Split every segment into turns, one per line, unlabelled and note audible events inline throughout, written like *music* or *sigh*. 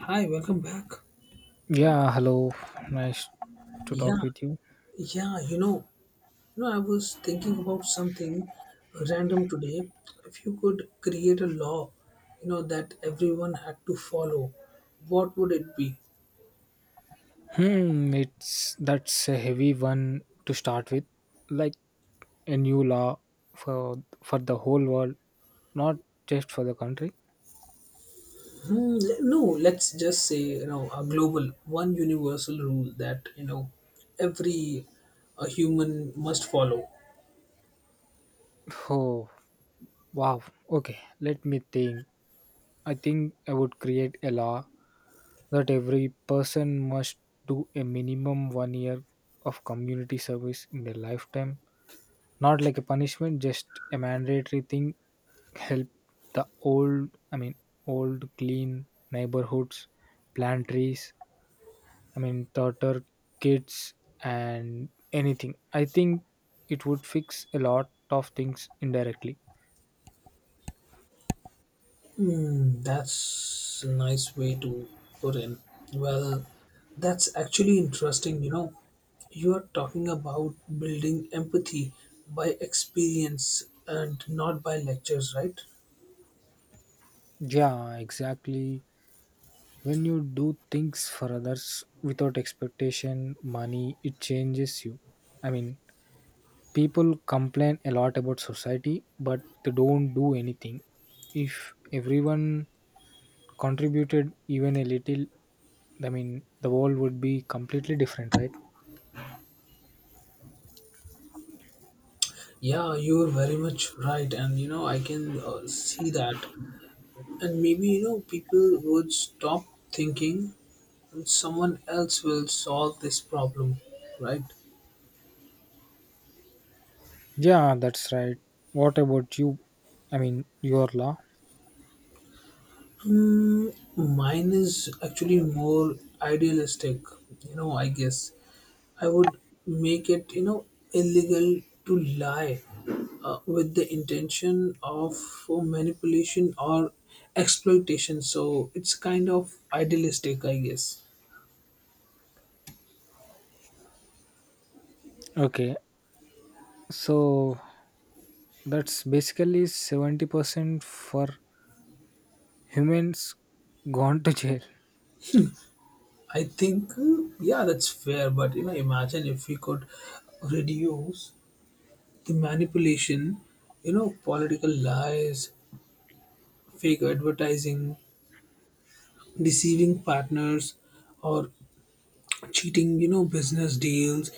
Hi, welcome back.
Yeah, hello. Nice to talk
Yeah,
with you.
yeah, I was thinking about something random today. If you could create a law, that everyone had to follow, what would it be?
Hmm, it's that's a heavy one to start with. Like a new law for the whole world, not just for the country.
Hmm, no, let's just say, a global, one universal rule that, every a human must follow.
*laughs* Oh, wow. Okay, let me think. I think I would create a law that every person must do a minimum 1 year of community service in their lifetime. Not like a punishment, just a mandatory thing. Help the old, old, clean neighborhoods, plant trees, daughter, kids, and anything. I think it would fix a lot of things indirectly.
Hmm, that's a nice way to put in. Well, that's actually interesting. You are talking about building empathy by experience and not by lectures, right?
Yeah, exactly. When you do things for others without expectation, money, it changes you. I mean, people complain a lot about society, but they don't do anything. If everyone contributed even a little, the world would be completely different, right?
Yeah, you are very much right, and I can see that. And maybe, people would stop thinking someone else will solve this problem, right?
Yeah, that's right. What about you? I mean, your law?
Mm, mine is actually more idealistic, I guess. I would make it, illegal to lie with the intention of manipulation or exploitation. So it's kind of idealistic, I guess.
Okay, so that's basically 70% for humans gone to jail.
I think, yeah, that's fair, but imagine if we could reduce the manipulation, political lies, fake advertising, deceiving partners or cheating business deals.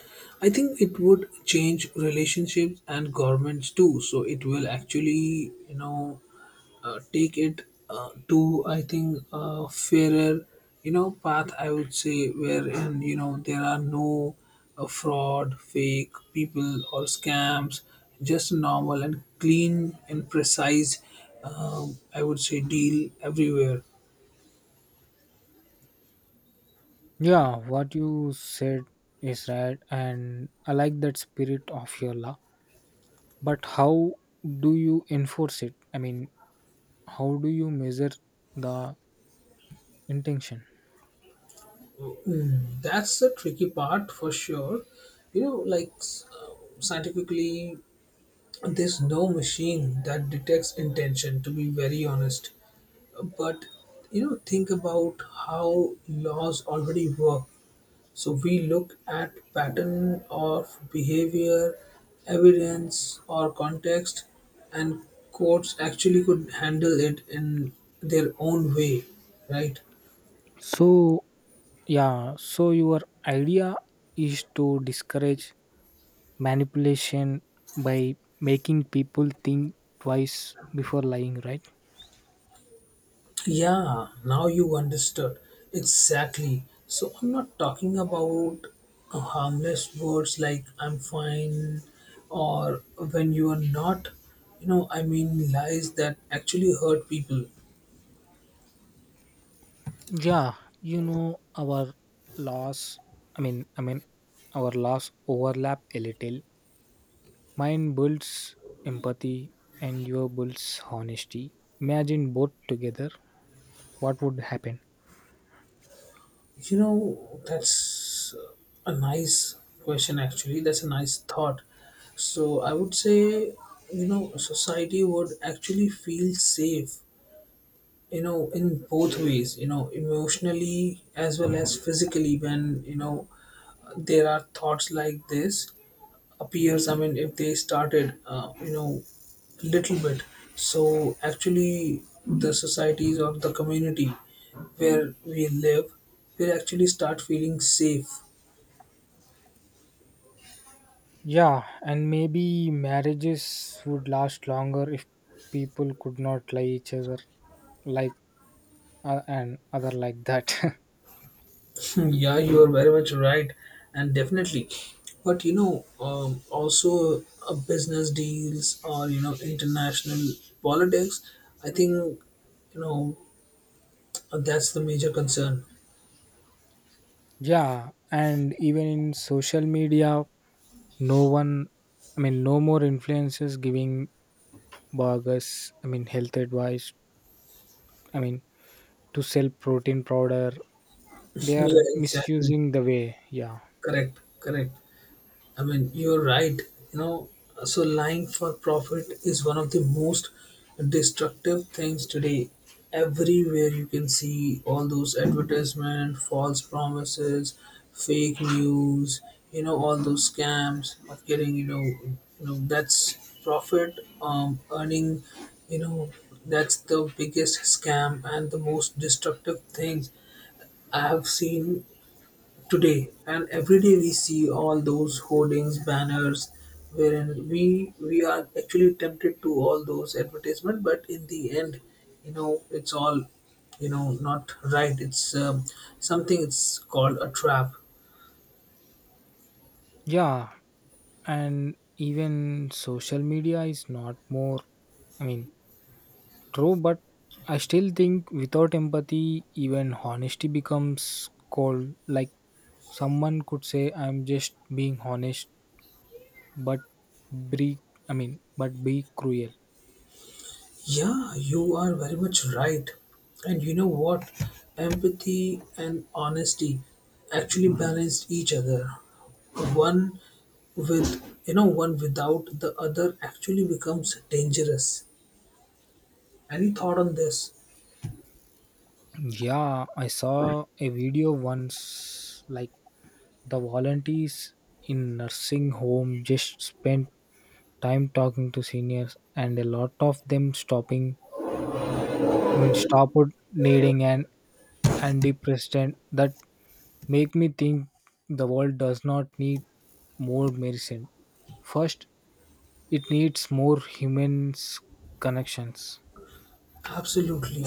I think it would change relationships and governments too, so it will actually take it to, I think, a fairer path, I would say, wherein there are no fraud fake people or scams, just normal and clean and precise I would say deal everywhere.
Yeah, what you said is right, and I like that spirit of your law. But how do you enforce it? I mean, how do you measure the intention?
That's the tricky part for sure. You know, like scientifically, there's no machine that detects intention, to be very honest. But think about how laws already work. So we look at pattern of behavior, evidence or context, and courts actually could handle it in their own way, right?
So, yeah, so your idea is to discourage manipulation by making people think twice before lying, right?
Yeah, now you understood. Exactly. So I'm not talking about harmless words like I'm fine or when you are not. I mean lies that actually hurt people.
Yeah, you know, our laws, I mean, I mean, our laws overlap a little. Mine builds empathy and your builds honesty. Imagine both together, what would happen?
That's a nice question actually. That's a nice thought. So I would say, society would actually feel safe, in both ways, emotionally as well as physically, when there are thoughts like this appears. I mean, if they started little bit, so actually the societies or the community where we live will actually start feeling safe.
Yeah, and maybe marriages would last longer if people could not lie each other like and other like that. *laughs*
Hmm, yeah, you are very much right, and definitely. But also business deals, or international politics. I think, you know that's the major concern.
Yeah, and even in social media, no one, I mean, no more influencers giving burgers, health advice, I mean, to sell protein powder. They
*laughs*
are
Yeah, exactly.
misusing the way, yeah.
Correct. Correct. I mean, you're right. You know, so lying for profit is one of the most destructive things today. Everywhere you can see all those advertisement, false promises, fake news. All those scams of getting. That's profit earning. You know, that's the biggest scam and the most destructive thing I have seen today. And every day we see all those hoardings, banners, wherein we are actually tempted to all those advertisement, but in the end, it's all, not right. It's something. It's called a trap.
Yeah, and even social media is not more, I mean, true, but I still think without empathy, even honesty becomes cold. Like someone could say, I'm just being honest, but be, but be cruel.
Yeah, you are very much right. And you know what? Empathy and honesty actually balance each other. One with, one without the other actually becomes dangerous. Any thought on this?
Yeah, I saw a video once, like the volunteers in nursing home just spent time talking to seniors and a lot of them stopped needing an antidepressant that make me think the world does not need more medicine. First, it needs more humans connections.
Absolutely.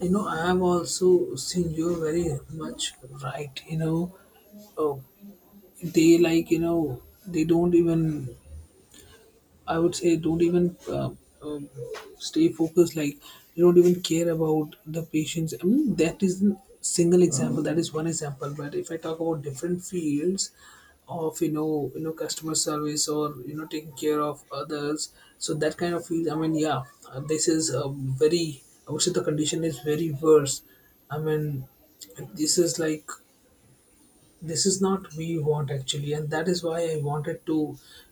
I am also seeing you very much right. Oh, they like, they don't even, I would say, don't even um, stay focused. Like you don't even care about the patients. I mean, that is a single example. That is one example. But if I talk about different fields of customer service, or taking care of others, so that kind of field. I mean, yeah, this is a very, I would say, the condition is very worse. I mean, this is like, this is not we want actually, and that is why I wanted to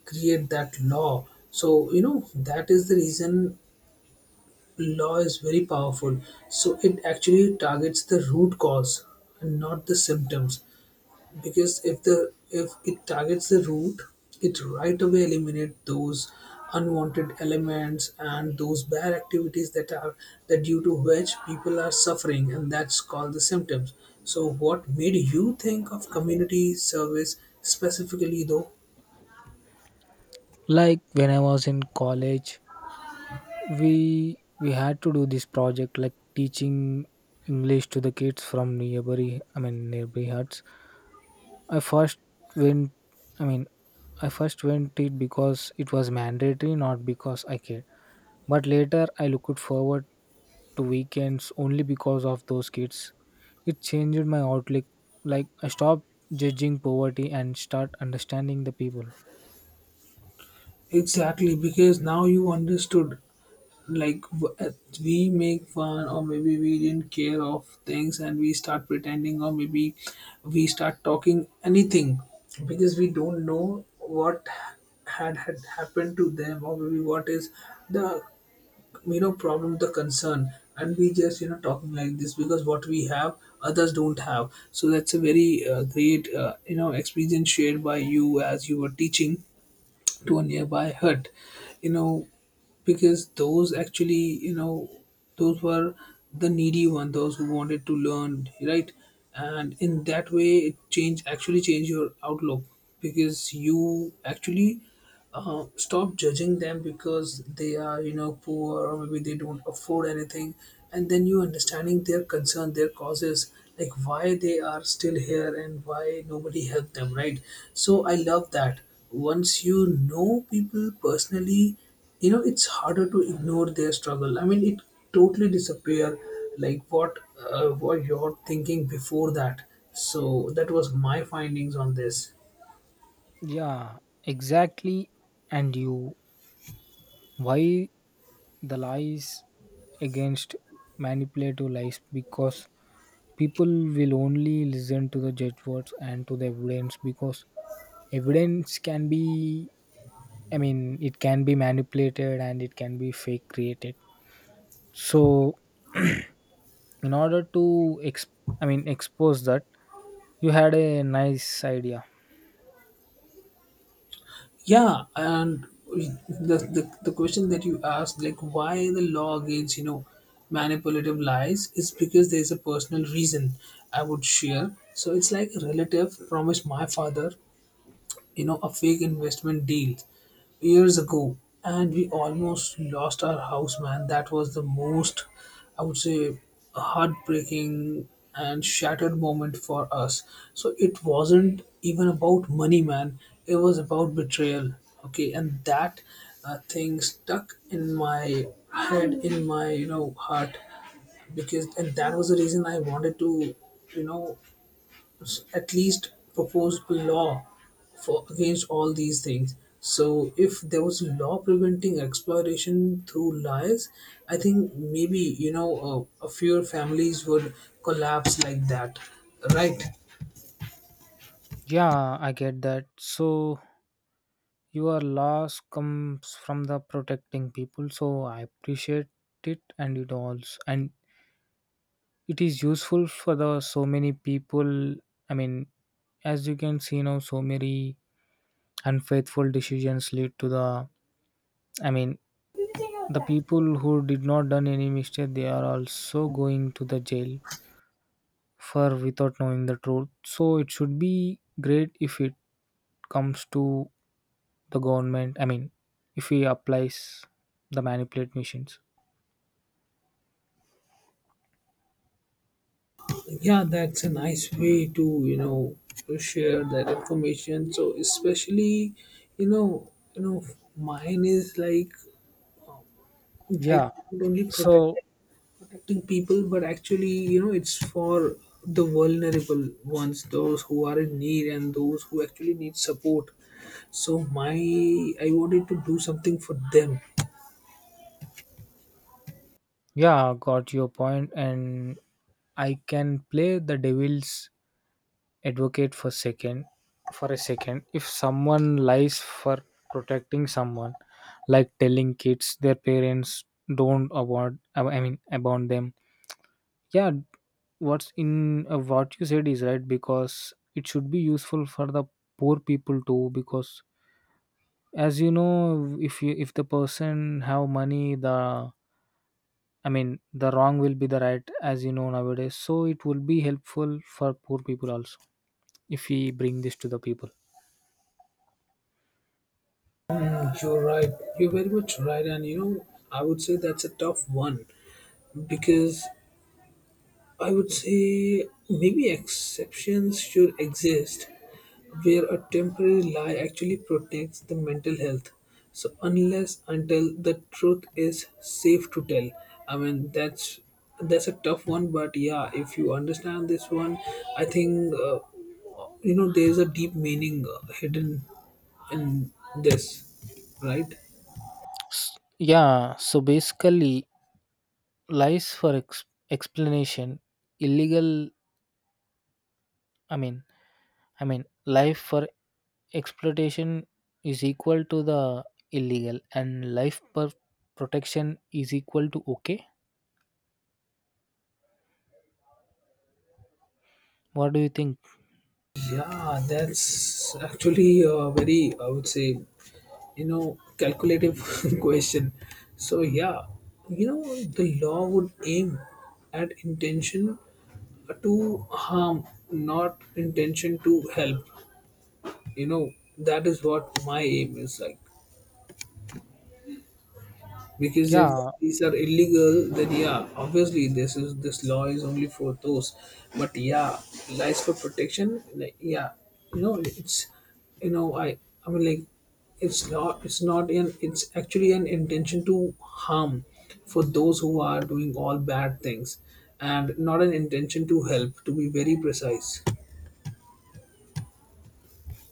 create that law. So, that is the reason. Law is very powerful, so it actually targets the root cause and not the symptoms. Because if it targets the root, it right away eliminate those unwanted elements and those bad activities that are, that, due to which people are suffering, and that's called the symptoms. So what made you think of community service specifically though?
Like when I was in college, we had to do this project like teaching English to the kids from neighboring huts. I first went I mean I first went it because it was mandatory, not because I cared. But later I looked forward to weekends only because of those kids. It changed my outlook. Like I stopped judging poverty and start understanding the people.
Exactly, because now you understood, like we make fun, or maybe we didn't care of things, and we start pretending, or maybe we start talking anything, because we don't know what had happened to them, or maybe what is the problem, the concern. And we just talking like this, because what we have others don't have. So that's a very great experience shared by you, as you were teaching to a nearby hut. You know because those actually, those were the needy one, those who wanted to learn, right? And in that way, it change, actually change your outlook, because you actually stop judging them, because they are poor, or maybe they don't afford anything. And then you understanding their concern, their causes, like why they are still here and why nobody helped them, right? So I love that. Once you know people personally, it's harder to ignore their struggle. I mean, it totally disappear, like what you're thinking before that. So that was my findings on this.
Yeah, exactly. And you, why the lies against manipulative lies? Because people will only listen to the judge words and to the evidence because evidence can be, it can be manipulated and it can be fake created. So in order to ex- expose that, you had a nice idea.
Yeah, and the question that you asked, like why the law against manipulative lies, is because there's a personal reason I would share. So it's like, a relative promised my father a fake investment deal years ago, and we almost lost our house, man. That was the most, I would say, heartbreaking and shattered moment for us. So it wasn't even about money, man. It was about betrayal. Okay, and that thing stuck in my head, in my heart. Because, and that was the reason I wanted to you know at least proposed law for against all these things. So if there was a law preventing exploitation through lies, I think maybe a few families would collapse like that, right?
Yeah, I get that. So your loss comes from the protecting people, so I appreciate it, and it also, and it is useful for the so many people. i mean as you can see now, so many unfaithful decisions lead to the, i mean the people who did not done any mistake, they are also going to the jail for without knowing the truth. So it should be great if it comes to the government. I mean, if he applies the manipulate machines.
Yeah, that's a nice way to share that information. So especially, you know you know mine is like
Yeah.
only protect
So
protecting people, but actually, it's for the vulnerable ones, those who are in need and those who actually need support. So my, I wanted to do something for them.
yeah, got your point, and I can play the devil's advocate for a second. If someone lies for protecting someone, like telling kids their parents don't about I mean about them. Yeah, what's in what you said is right because it should be useful for the poor people too because as you know, if you, if the person have money, the, the wrong will be the right as you know nowadays, so it will be helpful for poor people also if we bring this to the people.
Mm, you're right. You're very much right, and, I would say that's a tough one, because I would say maybe exceptions should exist, where a temporary lie actually protects the mental health, so unless until the truth is safe to tell. I mean, that's a tough one, but yeah, if you understand this one, I think, there's a deep meaning hidden in this, right?
Yeah, so basically lies for explanation illegal, i mean life for exploitation is equal to the illegal, and life per protection is equal to okay. What do you think?
Yeah, that's actually very, I would say, calculative *laughs* question. So yeah, the law would aim at intention to harm, not intention to help. You know that is what my aim is, like, because if
Yeah,
these are illegal then, yeah, obviously, this law is only for those. But yeah, lies for protection, like, yeah, it's, you know i I mean, like, it's not an it's actually an intention to harm for those who are doing all bad things, and not an intention to help, to be very precise.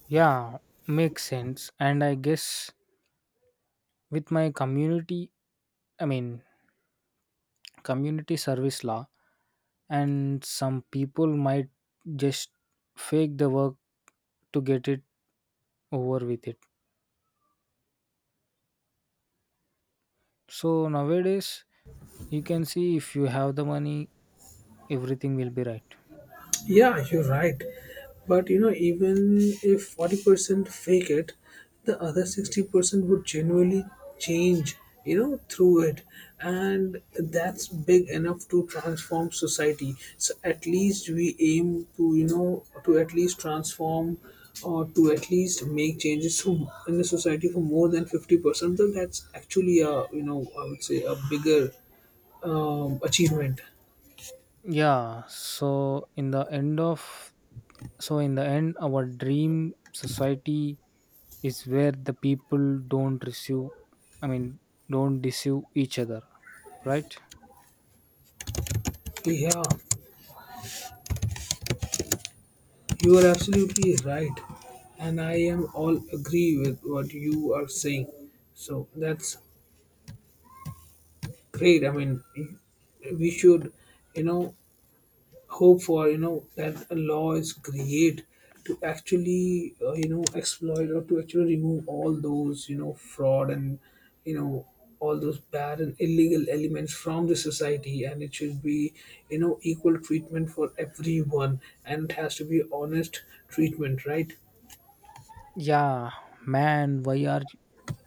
yeah, makes sense. And I guess with my community, i mean community service law, and some people might just fake the work to get it over with it. So nowadays you can see if you have the money, everything will be right.
Yeah, you're right. But you know, even if 40% fake it, the other 60% would genuinely change, through it. And that's big enough to transform society. So at least we aim to, to at least transform, or to at least make changes to, in the society for more than 50%. So that's actually a, I would say, a bigger achievement.
Yeah, so in the end of so in the end, our dream society is where the people don't receive I mean don't deceive each other, right?
Yeah. You are absolutely right, and I am all agree with what you are saying. So that's great. I mean, we should, you know, hope for that a law is create to actually exploit, or to actually remove all those fraud and you know all those bad and illegal elements from the society. And it should be equal treatment for everyone, and it has to be honest treatment, right?
Yeah, man,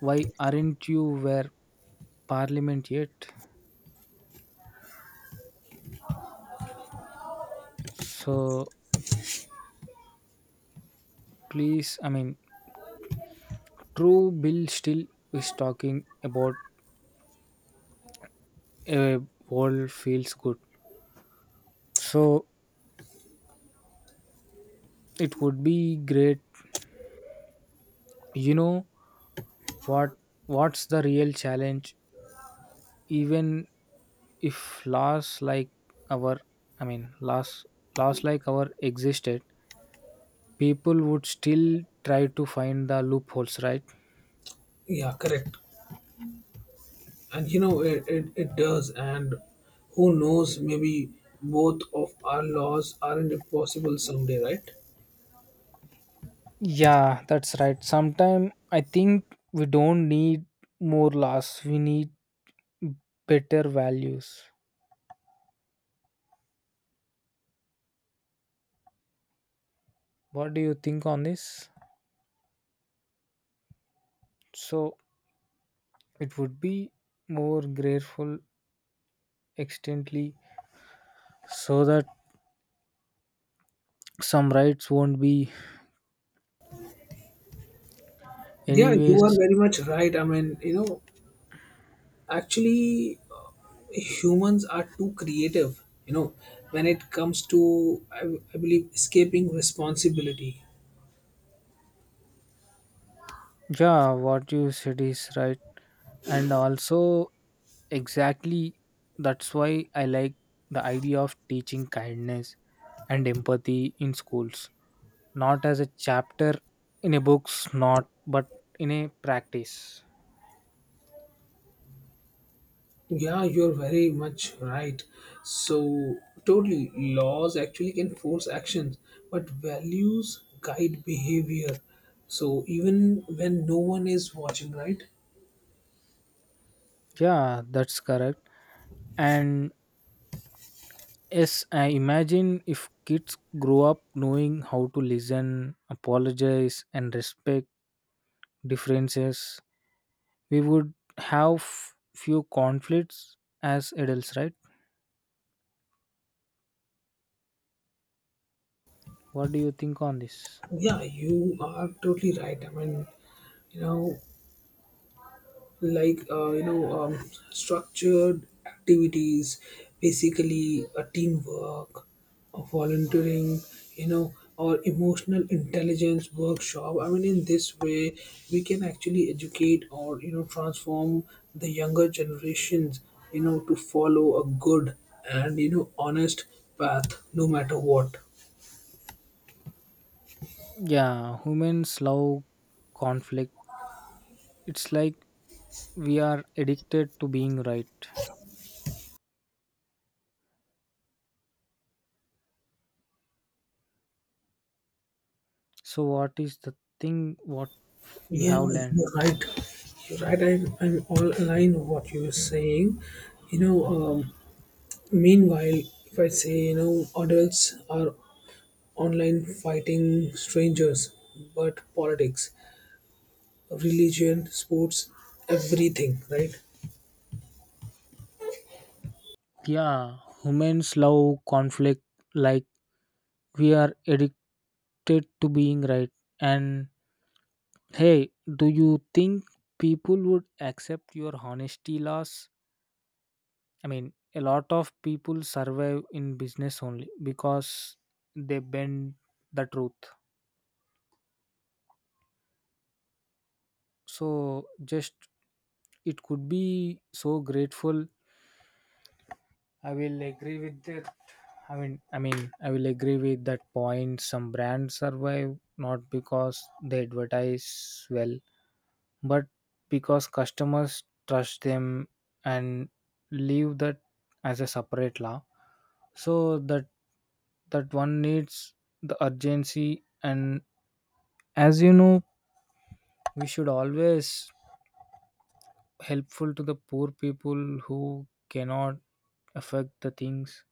why aren't you where parliament yet? So please, true bill still is talking about a world feels good. So it would be great. You know what, what's the real challenge even if laws like our, i mean laws laws like our existed, people would still try to find the loopholes, right?
Yeah, correct. And you know, it does. And who knows, maybe both of our laws aren't impossible someday, right?
Yeah, that's right. Sometime I think we don't need more laws, we need better values. What do you think on this? So it would be more grateful extently, so that some rights won't be,
Yeah, you are
anyways.
very much right. I mean, actually, humans are too creative, when it comes to, I believe, escaping responsibility.
Yeah, what you said is right. And also, exactly, that's why I like the idea of teaching kindness and empathy in schools, not as a chapter in a books, not but in a practice.
Yeah, you're very much right. So, totally, laws actually can force actions, but values guide behavior. So, even when no one is watching, right?
Yeah, that's correct. And yes, I imagine if kids grow up knowing how to listen, apologize, and respect differences, we would have few conflicts as adults, right? What do you think on this?
Yeah, you are totally right. I mean, you know, like uh, you know um, structured activities, basically a teamwork, a volunteering, you know, or emotional intelligence workshop. I mean, in this way we can actually educate or, you know, transform the younger generations, you know, to follow a good and, you know, honest path no matter what.
Yeah, humans love conflict. It's like we are addicted to being right. So what is the thing, what you
Yeah,
have learned?
you're right. You're right. I'm all aligned with what you're saying. You know, um, Meanwhile, if I say, you know, adults are online fighting strangers, but politics, religion, sports, everything, right?
Yeah, humans love conflict. Like we are addicted to being right. And hey, do you think people would accept your honesty loss? I mean, a lot of people survive in business only because they bend the truth. So just it could be so grateful. I will agree with that. I will agree with that point. Some brands survive not because they advertise well, but because customers trust them, and leave that as a separate law so that that one needs the urgency. And as you know, we should always helpful to the poor people who cannot affect the things.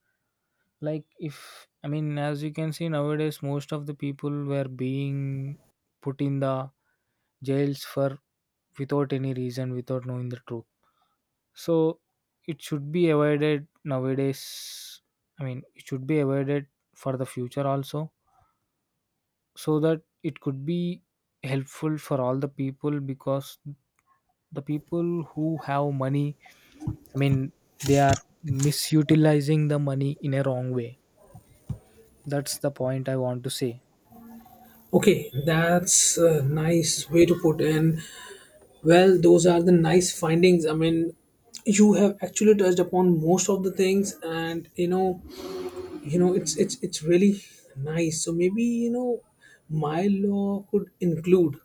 Like, if I mean as you can see nowadays, most of the people were being put in the jails for without any reason, without knowing the truth. So it should be avoided nowadays. I mean, it should be avoided for the future also, so that it could be helpful for all the people, because the people who have money, I mean, they are misutilizing the money in a wrong way. That's the point I want to say.
Okay, that's a nice way to put. And well, those are the nice findings. I mean, you have actually touched upon most of the things, and you know it's really nice. So maybe, you know, my law could include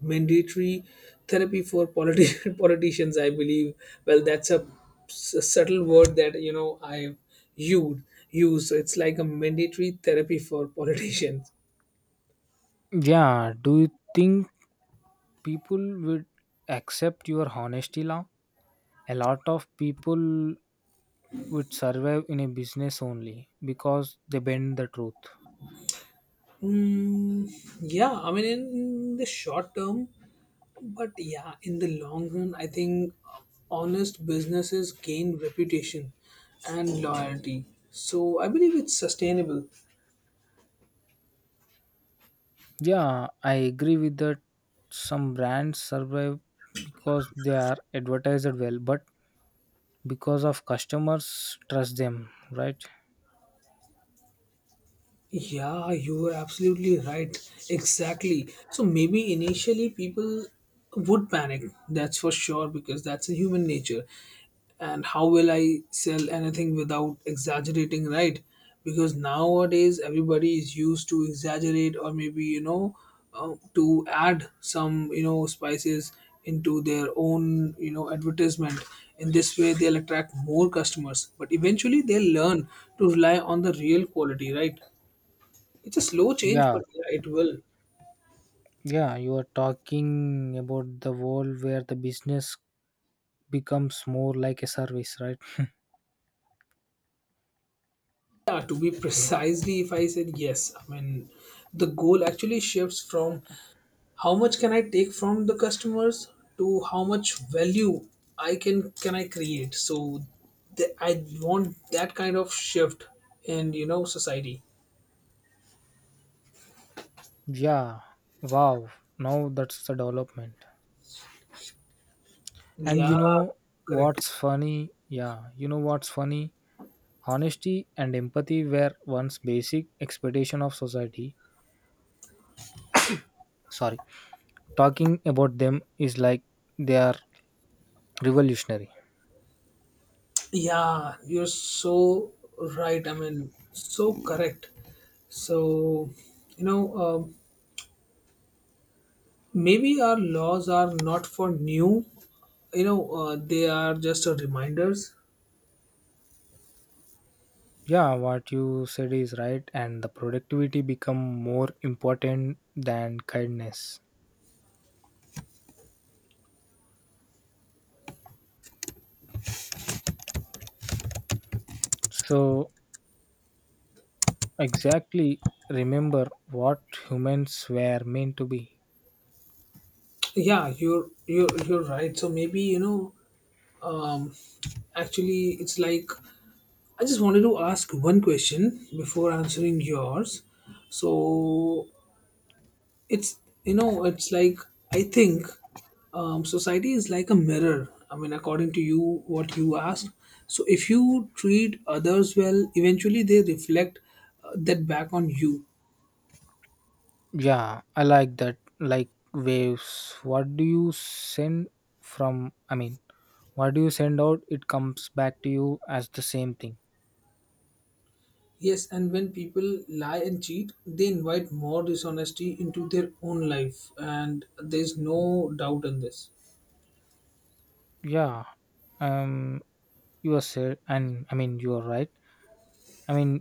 mandatory therapy for *laughs* politicians, I believe. Well, that's a subtle word that, you know, I used use. So it's like a mandatory therapy for *laughs* politicians.
Yeah, do you think people would accept your honesty now? A lot of people would survive in a business only because they bend the truth.
mm, yeah, I mean, in the short term. But yeah, in the long run, I think honest businesses gain reputation and loyalty. So I believe it's sustainable.
Yeah, I agree with that. Some brands survive because they are advertised well, but because of customers trust them, right?
Yeah, you are absolutely right. Exactly. So maybe initially people would panic, that's for sure, because that's a human nature. And how will I sell anything without exaggerating, right? Because nowadays everybody is used to exaggerate or maybe, you know, to add some, you know, spices into their own, you know, advertisement. In this way, they'll attract more customers. But eventually, they'll learn to rely on the real quality, right? It's a slow change,
Yeah,
but yeah, it will.
yeah, you are talking about the world where the business becomes more like a service, right?
Yeah, to be precisely, if I said yes, I mean, the goal actually shifts from how much can I take from the customers to how much value I can I create. So, I want that kind of shift in, you know, society.
Yeah, wow, now that's the development. And you
Yeah,
know
correct.
what's funny? Yeah, you know what's funny? Honesty and empathy were once basic expectation of society. Sorry, talking about them is like they are revolutionary.
Yeah, you're so right. I mean, so correct. So, you know, um maybe our laws are not for new, you know, they are just a reminders.
Yeah, what you said is right, and the productivity become more important than kindness. So exactly, remember what humans were meant to be.
Yeah, you're right. So maybe, you know um actually it's like, I just wanted to ask one question before answering yours. So it's, you know, it's like, I think society is like a mirror. I mean, according to you, what you asked, so if you treat others well, eventually they reflect that back on you.
Yeah, I like that. Like waves, what do you send from i mean what do you send out, it comes back to you as the same thing.
Yes, and when people lie and cheat, they invite more dishonesty into their own life, and there's no doubt in this.
Yeah, um you are said, and you are right. i mean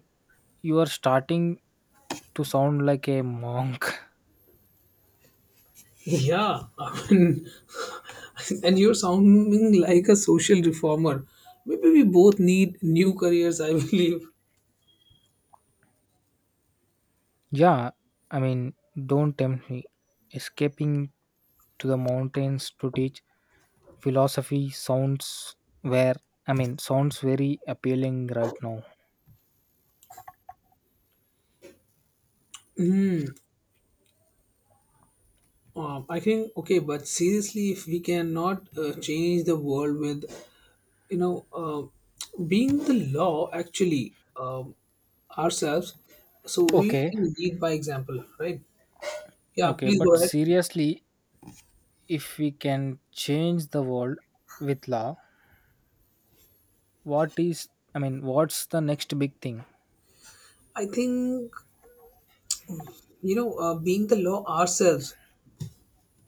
You are starting to sound like a monk.
Yeah, I mean, *laughs* and you're sounding like a social reformer. Maybe we both need new careers, I *laughs* believe.
*laughs* Yeah, I mean, don't tempt me. Escaping to the mountains to teach philosophy sounds where, sounds very appealing right now.
I think okay, but seriously, if we cannot change the world with, you know, being the law actually ourselves, so we
Okay,
can lead by example, right? Yeah,
okay,
please
but
go ahead.
seriously, if we can change the world with law, what is, what's the next big thing?
I think, you know, being the law ourselves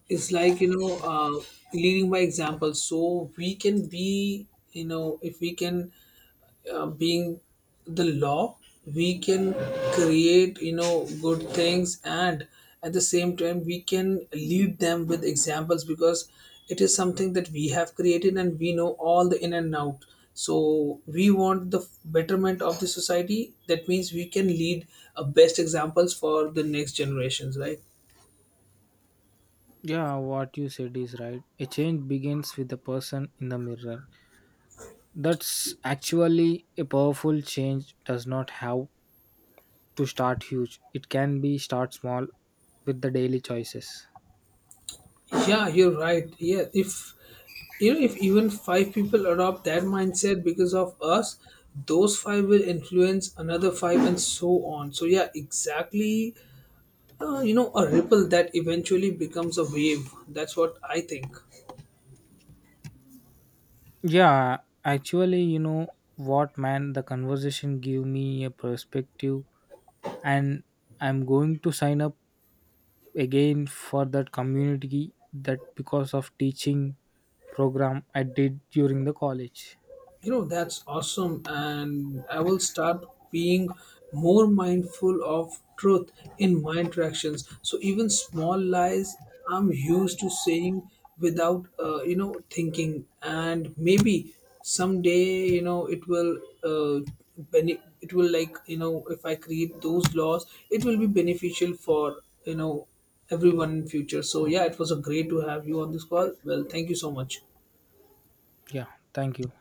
is like, you know, leading by example. So we can be, you know, if we can being the law, we can create, you know, good things, and at the same time we can lead them with examples, because it is something that we have created and we know all the in and out. So we want the betterment of the society, that means we can lead best examples for the next generations, right?
Yeah, what you said is right. A change begins with the person in the mirror. That's actually a powerful change. Does not have to start huge. It can be start small with the daily choices.
Yeah, you're right. Yeah, if, you know, if even 5 people adopt that mindset because of us, those five will influence another 5, and so on. So yeah, exactly. You know, a ripple that eventually becomes a wave. That's what I think.
Yeah, actually, you know what man, the conversation gave me a perspective, and I'm going to sign up again for that community that because of teaching program I did during the college.
You know, that's awesome, and I will start being more mindful of truth in my interactions. So even small lies I'm used to saying without, you know, thinking, and maybe someday, you know, it will uh, it will, like, you know, if I create those laws, it will be beneficial for, you know, everyone in future. So yeah, it was a great to have you on this call. Well, thank you so much.
Yeah, thank you.